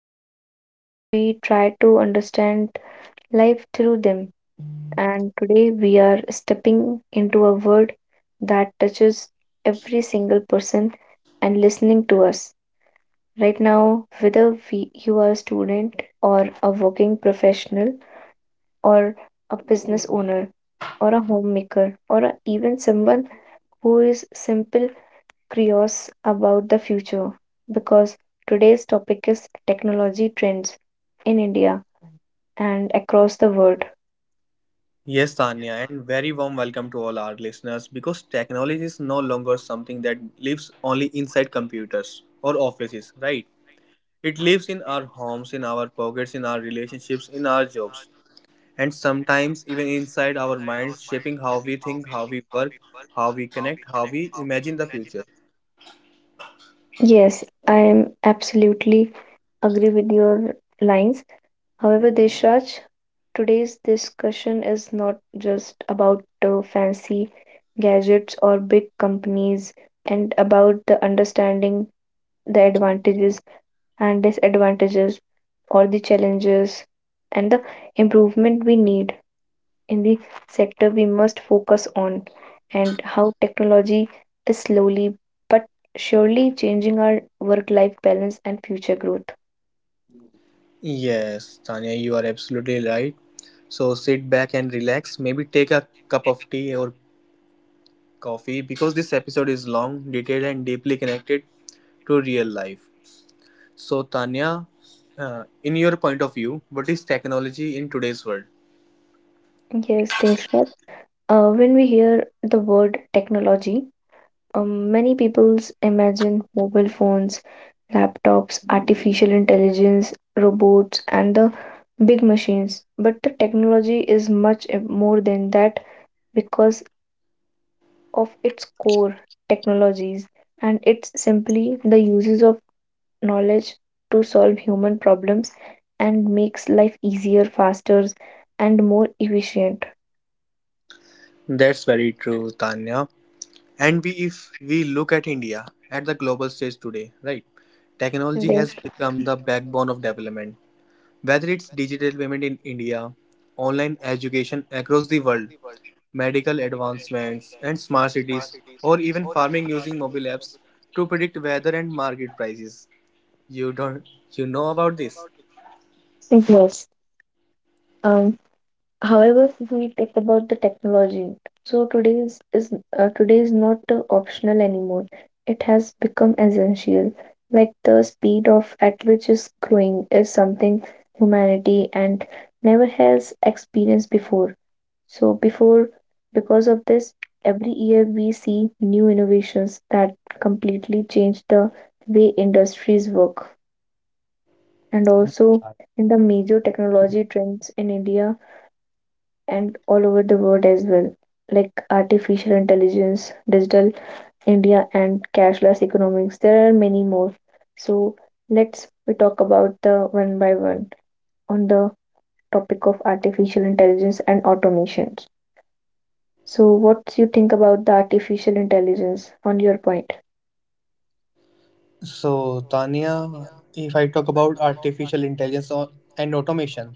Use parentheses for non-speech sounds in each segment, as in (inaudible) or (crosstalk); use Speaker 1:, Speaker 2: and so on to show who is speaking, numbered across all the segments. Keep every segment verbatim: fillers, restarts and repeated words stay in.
Speaker 1: topics, but we try to understand life through them. And today we are stepping into a world that touches every single person and listening to us right now, whether we, you are a student or a working professional or a business owner or a homemaker or a- even someone who is simple curious about the future because today's topic is technology trends in India and across the world.
Speaker 2: Yes, Tanya, and very warm welcome to all our listeners because technology is no longer something that lives only inside computers or offices, right? It lives in our homes, in our pockets, in our relationships, in our jobs, and sometimes even inside our minds, shaping how we think, how we work, how we connect, how we imagine the future.
Speaker 1: Yes, I am absolutely agree with your lines. However, Deshraj, today's discussion is not just about uh, fancy gadgets or big companies and about the understanding the advantages and disadvantages or the challenges and the improvement we need in the sector we must focus on and how technology is slowly but surely changing our work life balance and future growth.
Speaker 2: Yes, Tanya, you are absolutely right. So sit back and relax. Maybe take a cup of tea or coffee because this episode is long, detailed, and deeply connected to real life. So, Tanya, uh, in your point of view, what is technology in today's world?
Speaker 1: Yes, Deksha, uh, when we hear the word technology. Um, many people's imagine mobile phones, laptops, artificial intelligence, robots, and the big machines. But the technology is much uh, more than that because of its core technologies, and it's simply the uses of knowledge to solve human problems and makes life easier, faster, and more efficient.
Speaker 2: That's very true, Tanya. And we, if we look at India at the global stage today, right? Technology
Speaker 1: Right.
Speaker 2: has become the backbone of development. Whether it's digital payment in India, online education across the world, medical advancements, and smart cities, or even farming using mobile apps to predict weather and market prices. You don't you know about this?
Speaker 1: Yes. Um, However, if we talk about the technology, so today's is uh, today is not uh, optional anymore. It has become essential. Like the speed of at which is growing is something humanity and never has experienced before. So before, because of this, every year we see new innovations that completely change the way industries work and also in the major technology trends in India and all over the world as well, like artificial intelligence, digital India, and cashless economics. There are many more. So let's we talk about the one by one on the topic of artificial intelligence and automations. So what do you think about the artificial intelligence on your point?
Speaker 2: So, Tanya, if I talk about artificial intelligence or, and automation,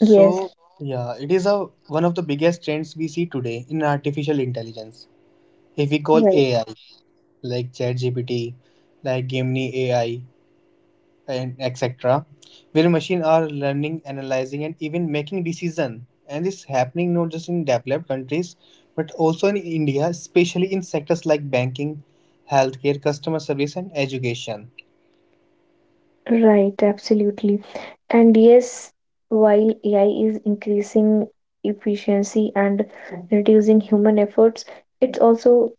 Speaker 1: Yes,
Speaker 2: yeah, it is a one of the biggest trends we see today in artificial intelligence. If we call
Speaker 1: right,
Speaker 2: A I, like ChatGPT, like Gemini A I, and etc, where machines are learning, analyzing, and even making decisions, and it's happening not just in developed countries but also in India, especially in sectors like banking, healthcare, customer service, and education.
Speaker 1: right, absolutely. And yes, while A I is increasing efficiency and reducing human efforts. It also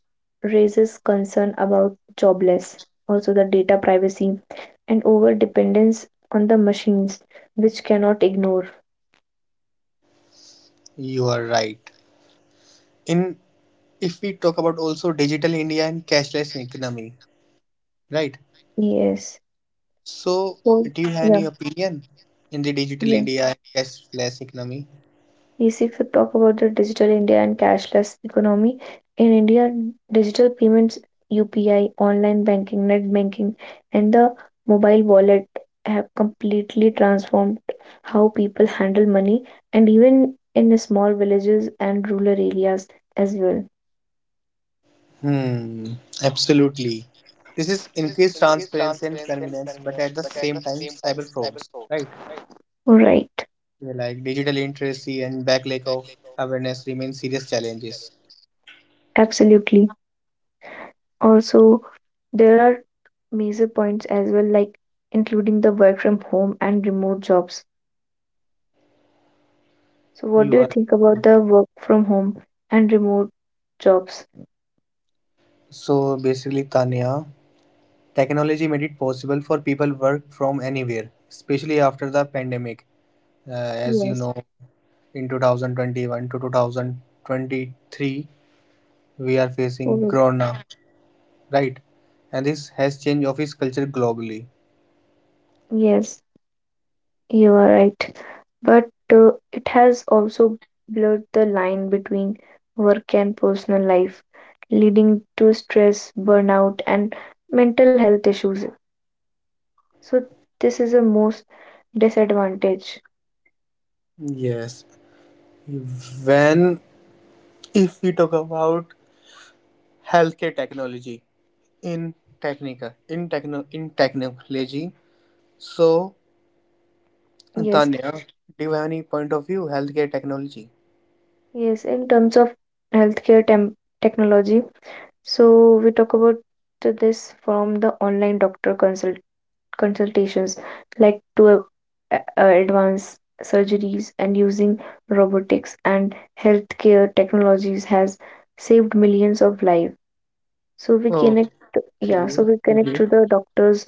Speaker 1: raises concern about jobless, also the data privacy and over dependence on the machines, which cannot ignore.
Speaker 2: You are right. in If we talk about also digital India and cashless economy, right?
Speaker 1: Yes.
Speaker 2: So,
Speaker 1: So
Speaker 2: do you have
Speaker 1: yeah,
Speaker 2: any opinion in the digital
Speaker 1: yeah.
Speaker 2: India and cashless economy?
Speaker 1: Yes, if you talk about the digital India and cashless economy, in India, digital payments, U P I, online banking, net banking, and the mobile wallet have completely transformed how people handle money and even in the small villages and rural areas as well.
Speaker 2: Hmm, absolutely. This is increased transparency and convenience, but at the same time, cyber frauds, right?
Speaker 1: Right,
Speaker 2: Yeah, like digital literacy and back lack of awareness remain serious challenges.
Speaker 1: absolutely. Also, there are major points as well, like including the work from home and remote jobs. So, what do
Speaker 2: You
Speaker 1: you
Speaker 2: are
Speaker 1: think about the work from home and remote jobs?
Speaker 2: So basically, Tanya, technology made it possible for people work from anywhere, especially after the pandemic. Uh, as you
Speaker 1: Yes.
Speaker 2: know, in two thousand twenty-one to two thousand twenty-three, we are facing
Speaker 1: Oh,
Speaker 2: Corona, right? And this has changed office culture globally.
Speaker 1: yes, you are right. But uh, it has also blurred the line between work and personal life, leading to stress, burnout, and mental health issues. So, this is a most disadvantage.
Speaker 2: Yes. When, if we talk about healthcare technology in technica, in techno, in technology, so
Speaker 1: Yes,
Speaker 2: Tanya, do you have any point of view healthcare technology?
Speaker 1: yes, in terms of healthcare tem technology. So, we talk about to this from the online doctor consult consultations led to uh, advanced surgeries and using robotics and healthcare technologies has saved millions of lives. So we
Speaker 2: Okay,
Speaker 1: connect, yeah, so we connect
Speaker 2: great.
Speaker 1: to the doctors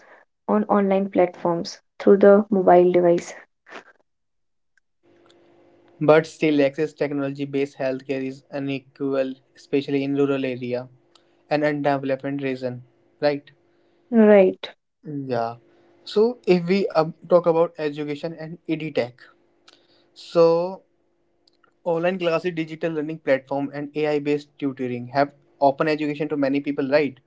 Speaker 1: on online platforms through the mobile device.
Speaker 2: But still, access technology-based healthcare is unequal, especially in rural area and undevelopment region, right?
Speaker 1: Right.
Speaker 2: Yeah. So if we um, talk about education and edtech, so online classes, digital learning platform, and A I based tutoring have open education to many people, right?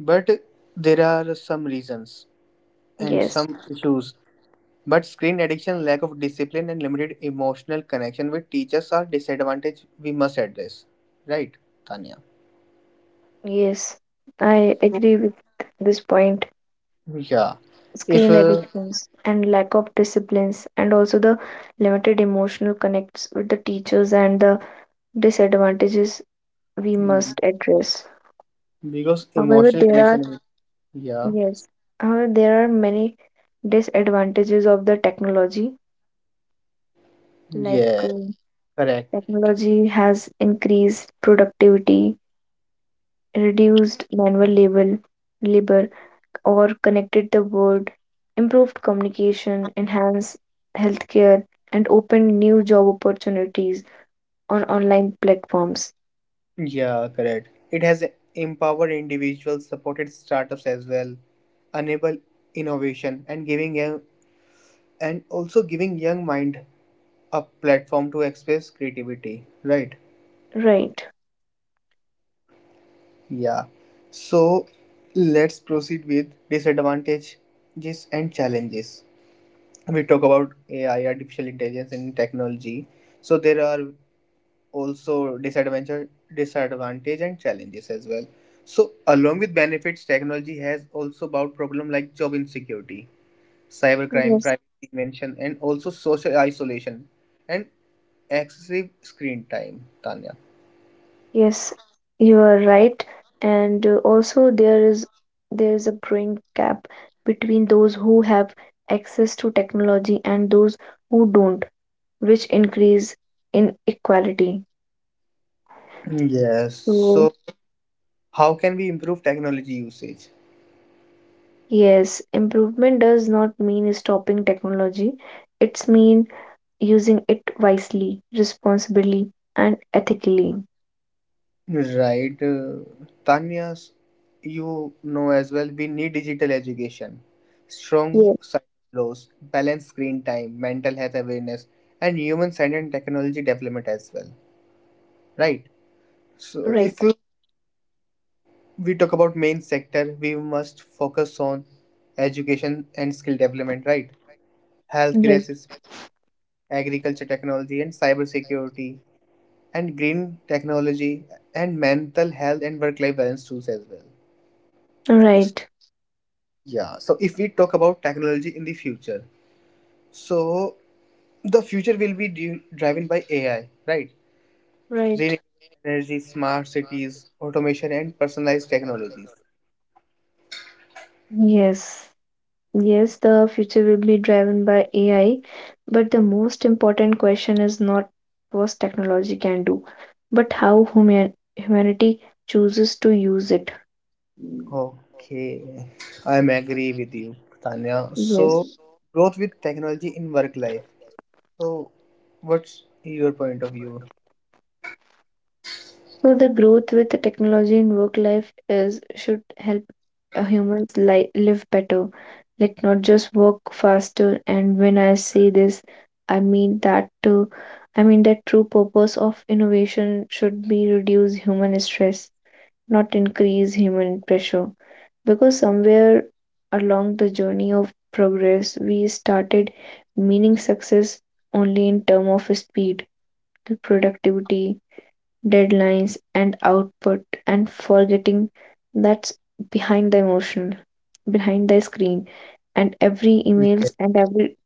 Speaker 2: But there are some reasons and
Speaker 1: Yes.
Speaker 2: some issues. But screen addiction, lack of discipline, and limited emotional connection with teachers are disadvantage we must address, right, Tanya?
Speaker 1: Yes. I agree with this point.
Speaker 2: Yeah. If
Speaker 1: Screen
Speaker 2: uh,
Speaker 1: addictions and lack of disciplines, and also the limited emotional connects with the teachers and the disadvantages we
Speaker 2: y-
Speaker 1: must address.
Speaker 2: Because
Speaker 1: However,
Speaker 2: emotional
Speaker 1: there are
Speaker 2: connection, with- yeah,
Speaker 1: yes, however there are many disadvantages of the technology. Like
Speaker 2: yeah,
Speaker 1: uh,
Speaker 2: correct.
Speaker 1: technology has increased productivity, reduced manual labor, labor, or connected the world, improved communication, enhanced healthcare, and opened new job opportunities on online platforms.
Speaker 2: Yeah, correct. It has empowered individuals, supported startups as well, enable innovation, and giving young and also giving young mind a platform to express creativity. Right?
Speaker 1: Right.
Speaker 2: Yeah. So let's proceed with disadvantages and challenges. We talk about A I, artificial intelligence, and technology. So there are also disadvantage disadvantage and challenges as well. So along with benefits, technology has also brought problem like job insecurity, cybercrime,
Speaker 1: Yes.
Speaker 2: privacy invention, and also social isolation and excessive screen time, Tanya.
Speaker 1: Yes, you are right. And uh, also there is there is a growing gap between those who have access to technology and those who don't, which increase inequality.
Speaker 2: Yes.
Speaker 1: So
Speaker 2: So how can we improve technology usage?
Speaker 1: yes, improvement does not mean stopping technology. It's mean using it wisely, responsibly, and ethically.
Speaker 2: Right, uh, Tanya, s- you know as well, we need digital education, strong
Speaker 1: Yeah,
Speaker 2: cyber laws, balanced screen time, mental health awareness, and human science and technology development as well. Right. So,
Speaker 1: right,
Speaker 2: if you, we talk about main sector, we must focus on education and skill development. Right, healthcare
Speaker 1: right,
Speaker 2: assist, agriculture technology, and cyber security, and green technology, and mental health and work-life balance tools as well.
Speaker 1: right,
Speaker 2: Yeah, so if we talk about technology in the future, so the future will be dri- driven by A I, right?
Speaker 1: right.
Speaker 2: Renewable energy, smart cities, automation, and personalized technologies.
Speaker 1: Yes. Yes, the future will be driven by A I, but the most important question is not what technology can do, but how human humanity chooses to use it.
Speaker 2: Okay, I'm agree with you, Tanya. So
Speaker 1: Yes.
Speaker 2: growth with technology in work life. So, what's your point of view?
Speaker 1: So the growth with the technology in work life is should help uh, humans li live better, like not just work faster. And when I say this, I mean that too. I mean that true purpose of innovation should be reduce human stress not increase human pressure. Because somewhere along the journey of progress, we started meaning success only in terms of speed, productivity, deadlines, and output, and forgetting that's behind the emotional, behind the screen, and every
Speaker 2: Yeah.
Speaker 1: emails and every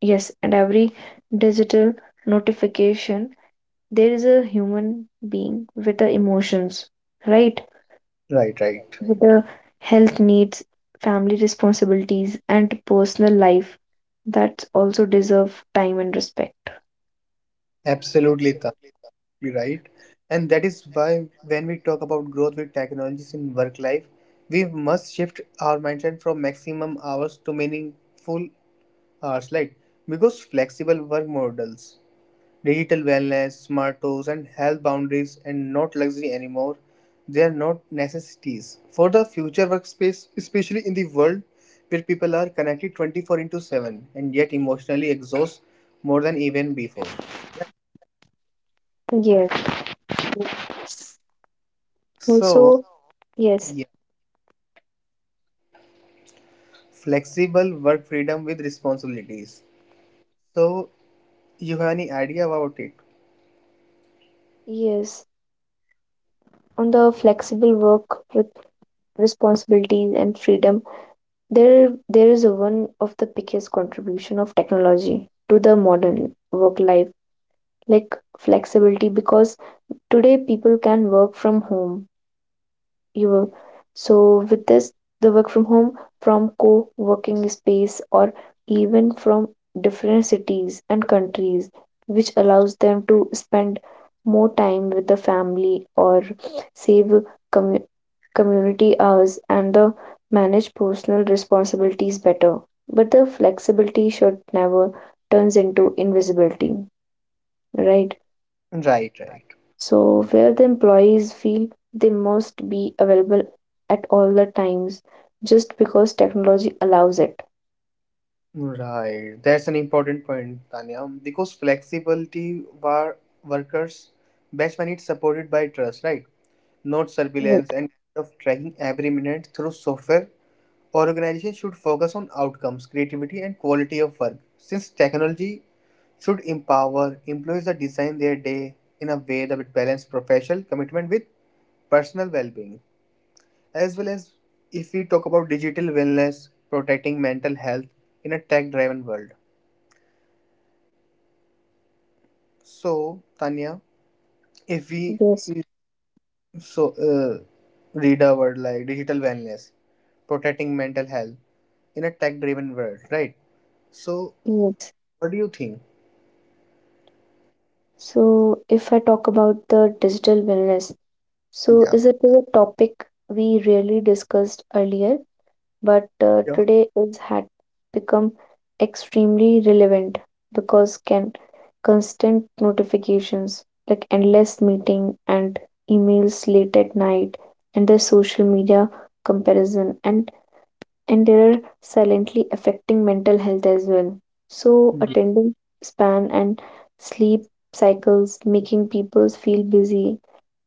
Speaker 1: yes, and every digital notification, there is a human being with the emotions, right?
Speaker 2: Right, right.
Speaker 1: With the health needs, family responsibilities, and personal life that also deserve time and respect.
Speaker 2: Absolutely, you're right. And that is why when we talk about growth with technologies in work life, we must shift our mindset from maximum hours to meaningful hours, like because flexible work models, digital wellness, smart tools, and health boundaries, and not luxury anymore. They are not necessities for the future workspace, especially in the world where people are connected twenty-four into seven and yet emotionally exhaust more than even before. Right.
Speaker 1: Yes.
Speaker 2: So,
Speaker 1: Also, yes,
Speaker 2: yeah. Flexible work freedom with responsibilities. So, you have any idea about it?
Speaker 1: yes. On the flexible work with responsibilities and freedom, there there is one of the biggest contribution of technology to the modern work life, like flexibility, because today people can work from home, you so with this the work from home from co-working space or even from different cities and countries which allows them to spend more time with the family or save commu- community hours and the manage personal responsibilities better but the flexibility should never turns into invisibility, right?
Speaker 2: Right, right.
Speaker 1: So, where the employees feel they must be available at all the times just because technology allows it.
Speaker 2: Right. That's an important point, Tanya, because flexibility war workers best when it's supported by trust, right? Not surveillance
Speaker 1: Right.
Speaker 2: and instead of tracking every minute through software. Organizations should focus on outcomes, creativity, and quality of work. Since technology should empower employees to design their day in a way that balances professional commitment with personal well being, as well as if we talk about digital wellness, protecting mental health in a tech driven world. So, Tanya, if we
Speaker 1: Yes,
Speaker 2: so uh, read a word like digital wellness, protecting mental health in a tech driven world, right? So,
Speaker 1: yes.
Speaker 2: what do you think?
Speaker 1: So, if I talk about the digital wellness, so
Speaker 2: Yeah.
Speaker 1: is it a topic we really discussed earlier? But uh,
Speaker 2: Yeah.
Speaker 1: today it's had become extremely relevant because can constant notifications like endless meeting and emails late at night and the social media comparison and and they're silently affecting mental health as well so attending span and sleep cycles making people feel busy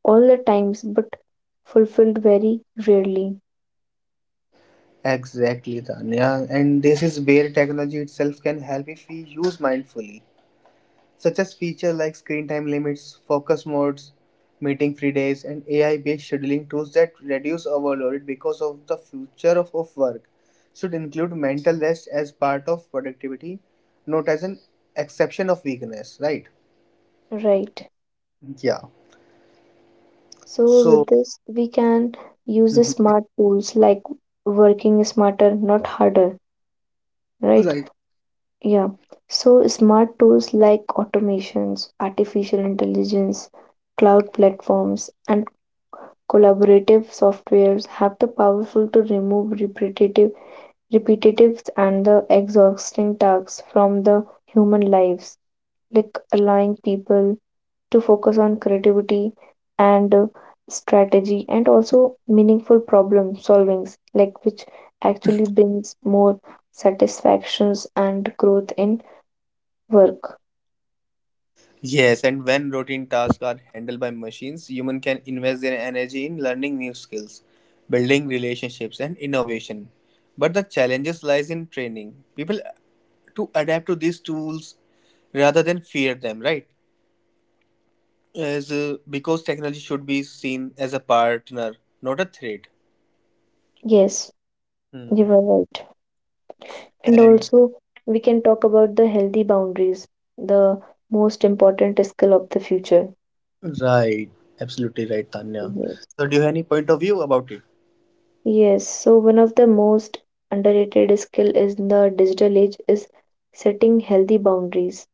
Speaker 1: all the times but fulfilled very rarely,
Speaker 2: Exactly, Tanya. And this is where technology itself can help if we use mindfully. Such as features like screen time limits, focus modes, meeting free days, and A I based scheduling tools that reduce overload, because of the future of, of work should include mental rest as part of productivity, not as an exception of weakness, right?
Speaker 1: right?
Speaker 2: Yeah.
Speaker 1: So, with
Speaker 2: So,
Speaker 1: this, we can use the
Speaker 2: Mhm.
Speaker 1: smart tools like working smarter, not harder, right?
Speaker 2: Right.
Speaker 1: Yeah. So, smart tools like automations, artificial intelligence, cloud platforms, and collaborative softwares have the powerful to remove repetitive, repetitive and the exhausting tasks from the human lives, like allowing people to focus on creativity and uh, strategy and also meaningful problem solvings like which actually brings more satisfactions and growth in work.
Speaker 2: Yes, and when routine tasks are handled by machines, human can invest their energy in learning new skills, building relationships, and innovation. But the challenges lies in training people to adapt to these tools rather than fear them, right? as uh, Because technology should be seen as a partner, not a threat.
Speaker 1: Yes,
Speaker 2: Hmm.
Speaker 1: you were right and
Speaker 2: And
Speaker 1: also we can talk about the healthy boundaries the most important skill of the future.
Speaker 2: right, absolutely right, Tanya.
Speaker 1: Yes,
Speaker 2: So do you have any point of view about it?
Speaker 1: yes, so one of the most underrated skill in the digital age is setting healthy boundaries,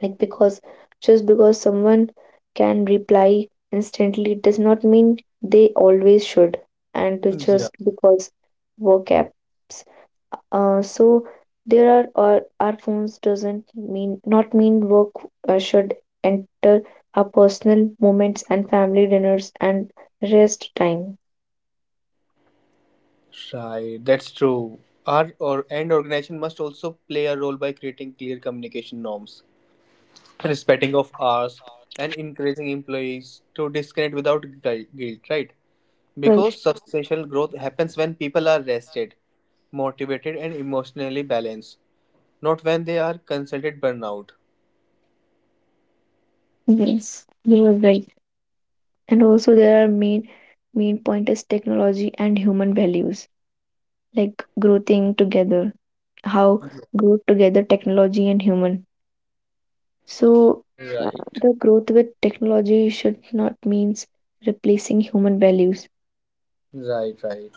Speaker 1: like because just because someone can reply instantly does not mean they always should, and to
Speaker 2: Yeah.
Speaker 1: just because work apps, uh, so there are our, our phones doesn't mean not mean work uh, should enter our personal moments and family dinners and rest time.
Speaker 2: Right, that's true. Our or and organization must also play a role by creating clear communication norms, respecting of hours, and encouraging employees to disconnect without guil- guilt, right?
Speaker 1: Right.
Speaker 2: Because substantial growth happens when people are rested, motivated, and emotionally balanced, not when they are consulted burnout.
Speaker 1: Yes, you are right and also there are main main point is technology and human values, like growing together, how grow together technology and human. So
Speaker 2: Right,
Speaker 1: the growth with technology should not means replacing human values.
Speaker 2: right, right.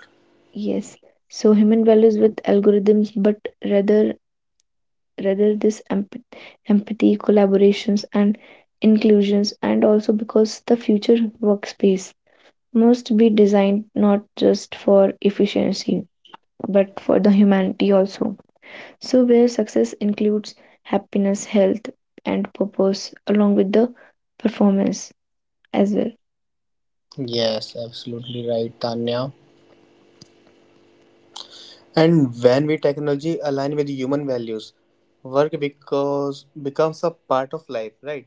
Speaker 1: Yes. So human values with algorithms, but rather rather this emp- empathy, collaborations and inclusions and also because the future workspace must be designed not just for efficiency but for the humanity also. So, where success includes happiness, health, and purpose, along with the performance as well.
Speaker 2: Yes, absolutely right, Tanya. And when we technology align with human values, work because becomes a part of life, right?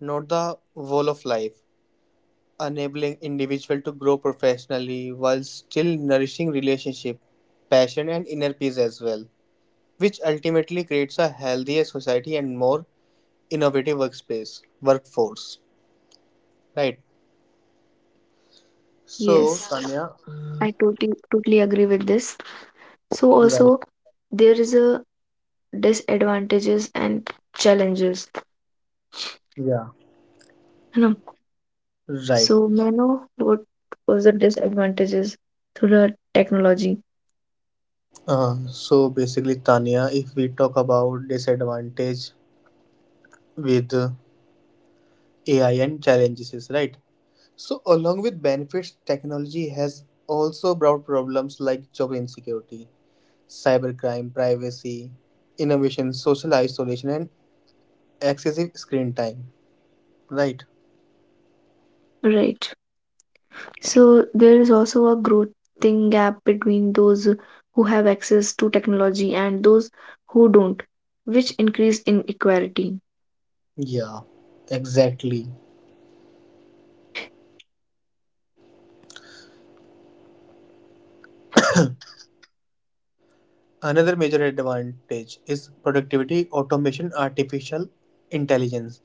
Speaker 2: Not the whole of life, enabling individual to grow professionally while still nourishing relationship, passion, and inner peace as well. Which ultimately creates a healthier society and more innovative workspace workforce, right?
Speaker 1: Yes,
Speaker 2: So, Tanya,
Speaker 1: I totally totally agree with this. So
Speaker 2: right.
Speaker 1: also there is a disadvantages and challenges.
Speaker 2: Yeah,
Speaker 1: You know.
Speaker 2: right.
Speaker 1: So may I know what was the disadvantages to the technology?
Speaker 2: Uh, so basically, Tanya, if we talk about disadvantage with uh, AI and challenges is right. So along with benefits, technology has also brought problems like job insecurity, cybercrime, privacy innovation, social isolation, and excessive screen time, right?
Speaker 1: Right. So there is also a growing gap between those who have access to technology and those who don't, which increase inequality.
Speaker 2: Yeah, exactly. Another major advantage is productivity, automation, artificial intelligence,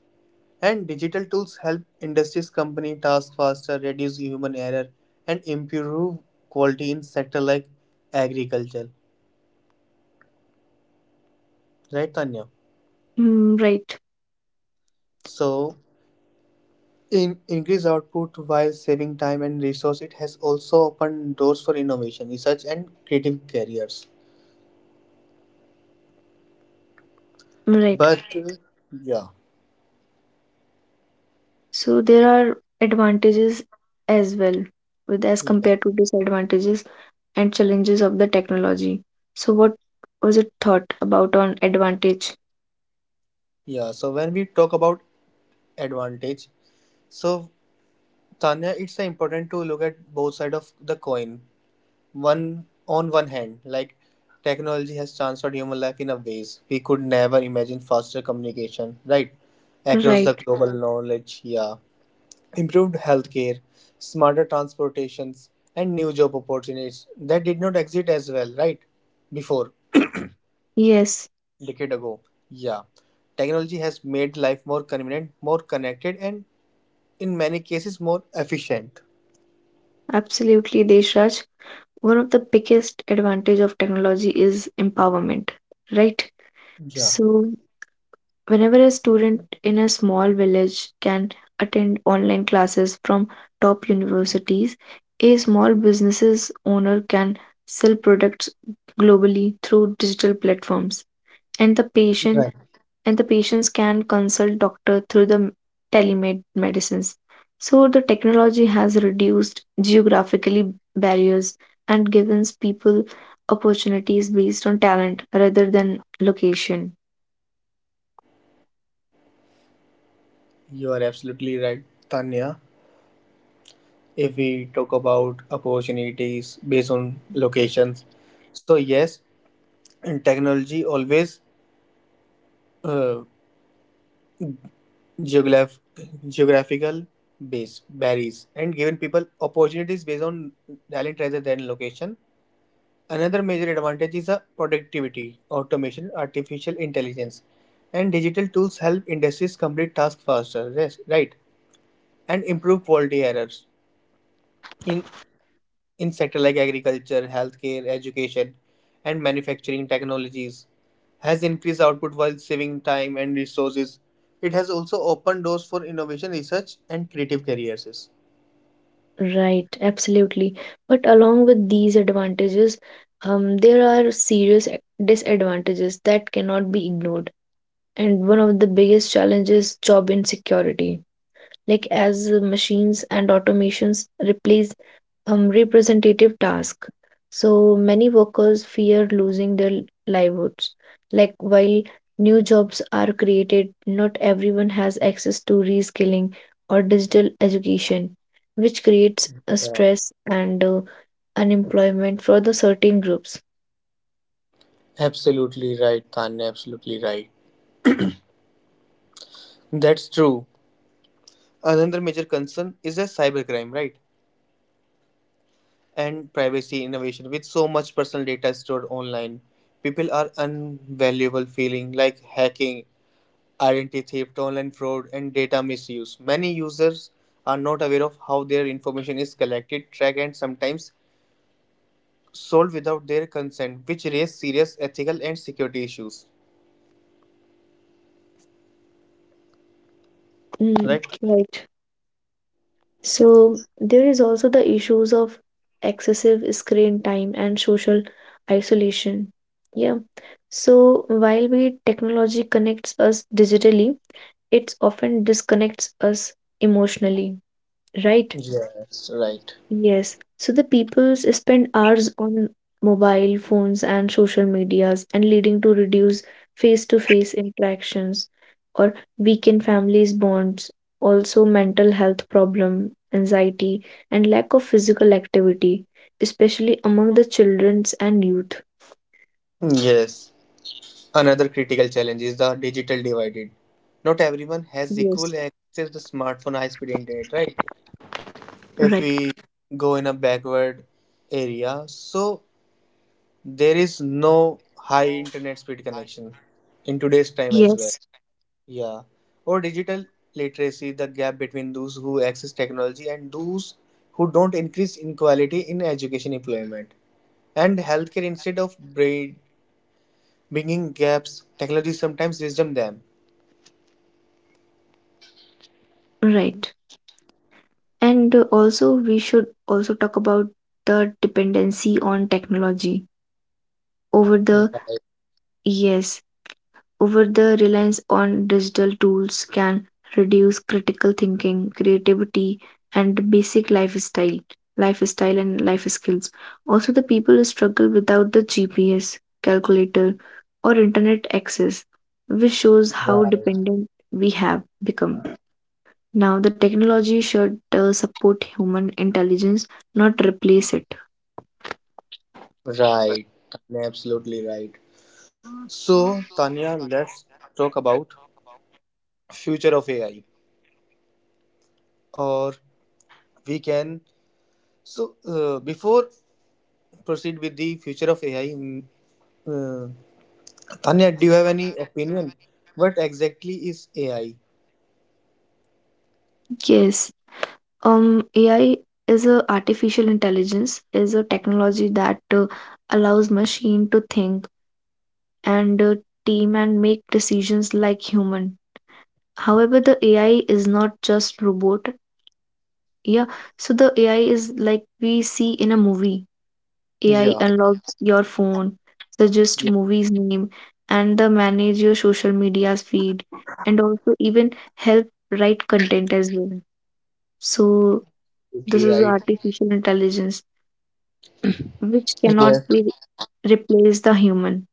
Speaker 2: and digital tools help industries company tasks faster, reduce human error, and improve quality in sector like agriculture. Right, Tanya?
Speaker 1: Mm, right,
Speaker 2: So, in increase output while saving time and resource, it has also opened doors for innovation, research, and creative careers.
Speaker 1: right.
Speaker 2: But uh, yeah,
Speaker 1: So there are advantages as well with as
Speaker 2: yeah,
Speaker 1: compared to disadvantages and challenges of the technology. So what was it thought about on advantage?
Speaker 2: yeah. So when we talk about advantage. So, Tanya, it's uh, important to look at both sides of the coin. One On one hand, like technology has transformed human life in a ways we could never imagine. Faster communication, right, across
Speaker 1: Right.
Speaker 2: the global knowledge, yeah, improved healthcare, smarter transportations, and new job opportunities that did not exist as well, right, before
Speaker 1: Yes,
Speaker 2: decade ago. Yeah, technology has made life more convenient, more connected, and in many cases more efficient.
Speaker 1: absolutely, Deshraj. One of the biggest advantage of technology is empowerment, right?
Speaker 2: Yeah,
Speaker 1: So, whenever a student in a small village can attend online classes from top universities, a small business's owner can sell products globally through digital platforms, and the patient
Speaker 2: right.
Speaker 1: and the patients can consult doctor through the telemed medicines. So, the technology has reduced geographically barriers and gives people opportunities based on talent rather than location.
Speaker 2: You are absolutely right, Tanya. If we talk about opportunities based on locations, so yes, in technology always uh, geograph- geographical base varies and given people opportunities based on talent rather than location. Another major advantage is the productivity, automation, artificial intelligence, and digital tools help industries complete tasks faster. Yes, right, and improve quality errors. In in sectors like agriculture, healthcare, education, and manufacturing technologies has increased output while saving time and resources. It has also opened doors for innovation research and creative careers.
Speaker 1: Right, absolutely. But along with these advantages, um, there are serious a- disadvantages that cannot be ignored. And one of the biggest challenges job insecurity. Like as uh, machines and automations replace um, representative task. So many workers fear losing their livelihoods. Like while new jobs are created, not everyone has access to reskilling or digital education, which creates a
Speaker 2: Yeah,
Speaker 1: stress and uh, unemployment for the certain groups.
Speaker 2: absolutely right, Tanya. Absolutely right. That's true. Another major concern is a cybercrime, right? And privacy innovation. With so much personal data stored online, people are unvaluable feeling like hacking, identity theft, online fraud, and data misuse. Many users are not aware of how their information is collected, tracked, and sometimes sold without their consent, which raise serious ethical and security issues.
Speaker 1: Mm,
Speaker 2: Right?
Speaker 1: right. So there is also the issues of excessive screen time and social isolation. Yeah. So while we technology connects us digitally, it often disconnects us emotionally, right?
Speaker 2: Yes, right.
Speaker 1: Yes, so the peoples spend hours on mobile phones and social medias and leading to reduce face-to-face interactions or weaken families bonds, also mental health problem, anxiety, and lack of physical activity, especially among the childrens and youth.
Speaker 2: Yes. Another critical challenge is the digital divided. Not everyone has
Speaker 1: Yes,
Speaker 2: equal access to smartphone high speed internet, right?
Speaker 1: right.
Speaker 2: If we go in a backward area, so there is no high internet speed connection in today's time as
Speaker 1: Yes,
Speaker 2: well. Yeah. Or digital literacy, the gap between those who access technology and those who don't increase inequality in education, employment, and healthcare. Instead of bri- bringing gaps, technology sometimes wisdom them.
Speaker 1: right. And uh, also we should also talk about the dependency on technology over the yes over the reliance on digital tools can reduce critical thinking, creativity, and basic lifestyle, lifestyle and life skills. Also, the people struggle without the G P S, calculator, or internet access, which shows how
Speaker 2: Right.
Speaker 1: dependent we have become. Now, the technology should uh, support human intelligence, not replace it.
Speaker 2: Right, Tanya, absolutely right. So, Tanya, let's talk about future of A I. Or we can. So, uh, before proceed with the future of A I. Mm, Uh, Tanya, do you have any opinion? What exactly is A I?
Speaker 1: Yes, um ai is a artificial intelligence is a technology that uh, allows machine to think and uh, team and make decisions like human, however the ai is not just robot, yeah, so the ai is like we see in a movie, ai
Speaker 2: Yeah,
Speaker 1: unlocks your phone, suggest
Speaker 2: yeah,
Speaker 1: movies name and the manage your social media feed and also even help write content as well, so this
Speaker 2: absolutely
Speaker 1: is
Speaker 2: right.
Speaker 1: artificial intelligence which
Speaker 2: Yeah.
Speaker 1: cannot be replace the human.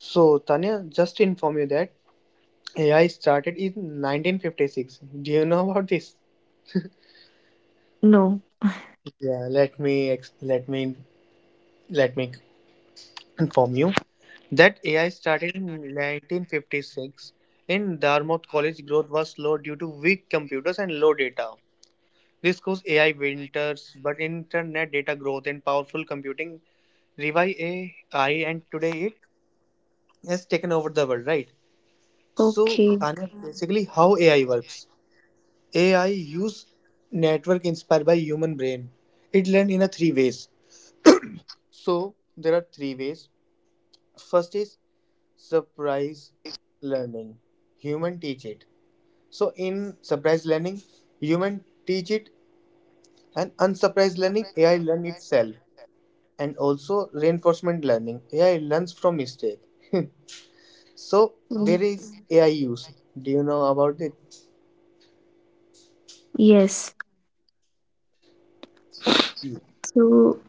Speaker 2: So Tanya, just to inform you that A I started in nineteen fifty-six. Do you know about this?
Speaker 1: No.
Speaker 2: Yeah. Let me ex- let me let me inform you that A I started in nineteen fifty-six in Dartmouth College. Growth was slow due to weak computers and low data. This caused A I winters, but internet data growth and powerful computing revived A I, and today it has taken over the world, right? So,
Speaker 1: Okay.
Speaker 2: Anya, basically, how A I works? A I use network inspired by human brain. It learn in a three ways. So there are three ways. First is surprise learning. Human teach it. So in surprise learning, human teach it, and unsurprised learning, A I learn itself. And also reinforcement learning. A I learns from mistake. (laughs) So
Speaker 1: Mm.
Speaker 2: where is A I used? Do you know about it?
Speaker 1: Yes. So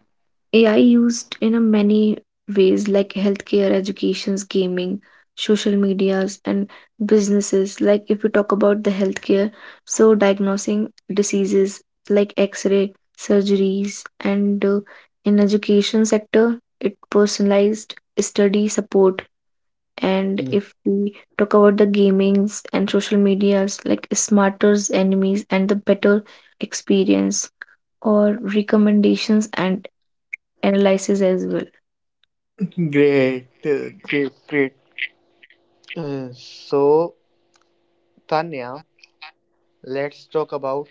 Speaker 1: A I used in a many ways like healthcare, educations, gaming, social medias, and businesses. Like if we talk about the healthcare, so diagnosing diseases like X-ray, surgeries, and uh, in education sector, it personalized study support. And
Speaker 2: Mm.
Speaker 1: if we talk about the gamings and social medias, like smarter's enemies and the better experience or recommendations and analysis as well.
Speaker 2: (laughs) Great, uh, great, great. Uh, so Tanya, let's talk about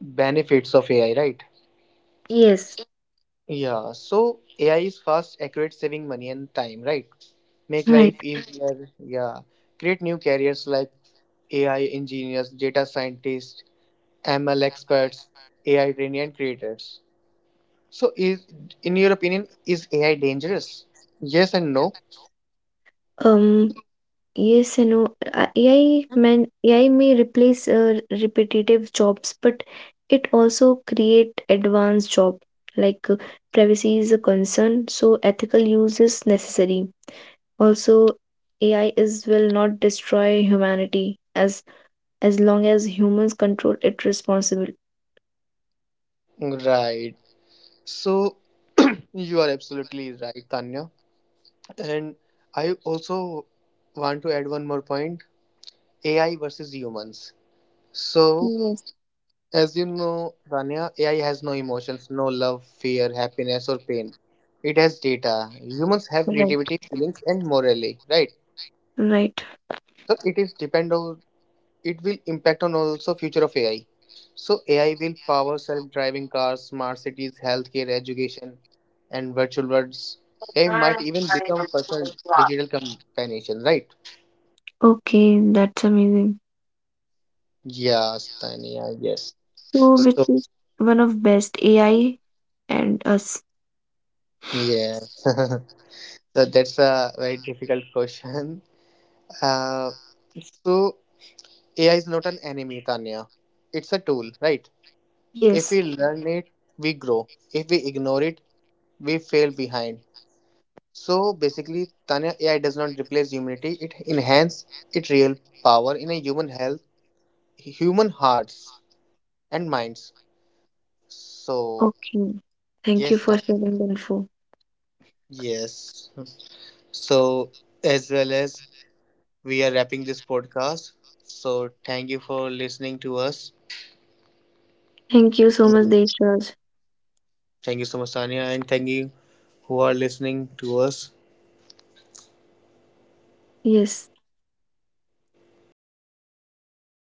Speaker 2: benefits of A I, right?
Speaker 1: Yes.
Speaker 2: Yeah. So A I is fast, accurate, saving money and time, right? Make
Speaker 1: Right.
Speaker 2: life easier. Yeah. Create new careers like A I engineers, data scientists, M L experts, A I trainee and creators. So, is in your opinion, is A I dangerous? Yes and no.
Speaker 1: Um, yes, and know, uh, A I man, A I may replace uh, repetitive jobs, but it also create advanced job. Like uh, privacy is a concern, so ethical use is necessary. Also, A I is will not destroy humanity as as long as humans control it responsibly.
Speaker 2: Right. So, (clears throat) you are absolutely right, Tanya. And I also want to add one more point: A I versus humans. So,
Speaker 1: Yes,
Speaker 2: as you know, Tanya, A I has no emotions, no love, fear, happiness, or pain. It has data. Humans have
Speaker 1: right.
Speaker 2: creativity, feelings, and morally. Right.
Speaker 1: Right.
Speaker 2: So, it is depend on it will impact on also future of AI. So AI will power self-driving cars, smart cities, healthcare, education, and virtual worlds. AI might even become personal digital companion, right?
Speaker 1: Okay, that's amazing.
Speaker 2: Yes, Tania. Yes.
Speaker 1: So,
Speaker 2: So,
Speaker 1: which is one of best A I and us?
Speaker 2: yes. (laughs) So that's a very difficult question. uh, so AI is not an enemy, Tanya. It's a tool, right? If
Speaker 1: Yes.
Speaker 2: we learn it, we grow. If we ignore it, we fail behind. So basically, Tanya, A I does not replace humanity; it enhances its real power in a human health, human hearts and minds. So
Speaker 1: Okay. Thank you
Speaker 2: yes,
Speaker 1: for
Speaker 2: Tanya.
Speaker 1: sharing the info.
Speaker 2: Yes. So as well as we are wrapping this podcast. So thank you for listening to us.
Speaker 1: Thank you so much, Deshraj.
Speaker 2: Thank you so much, Tanya, and thank you who are listening to us.
Speaker 1: Yes.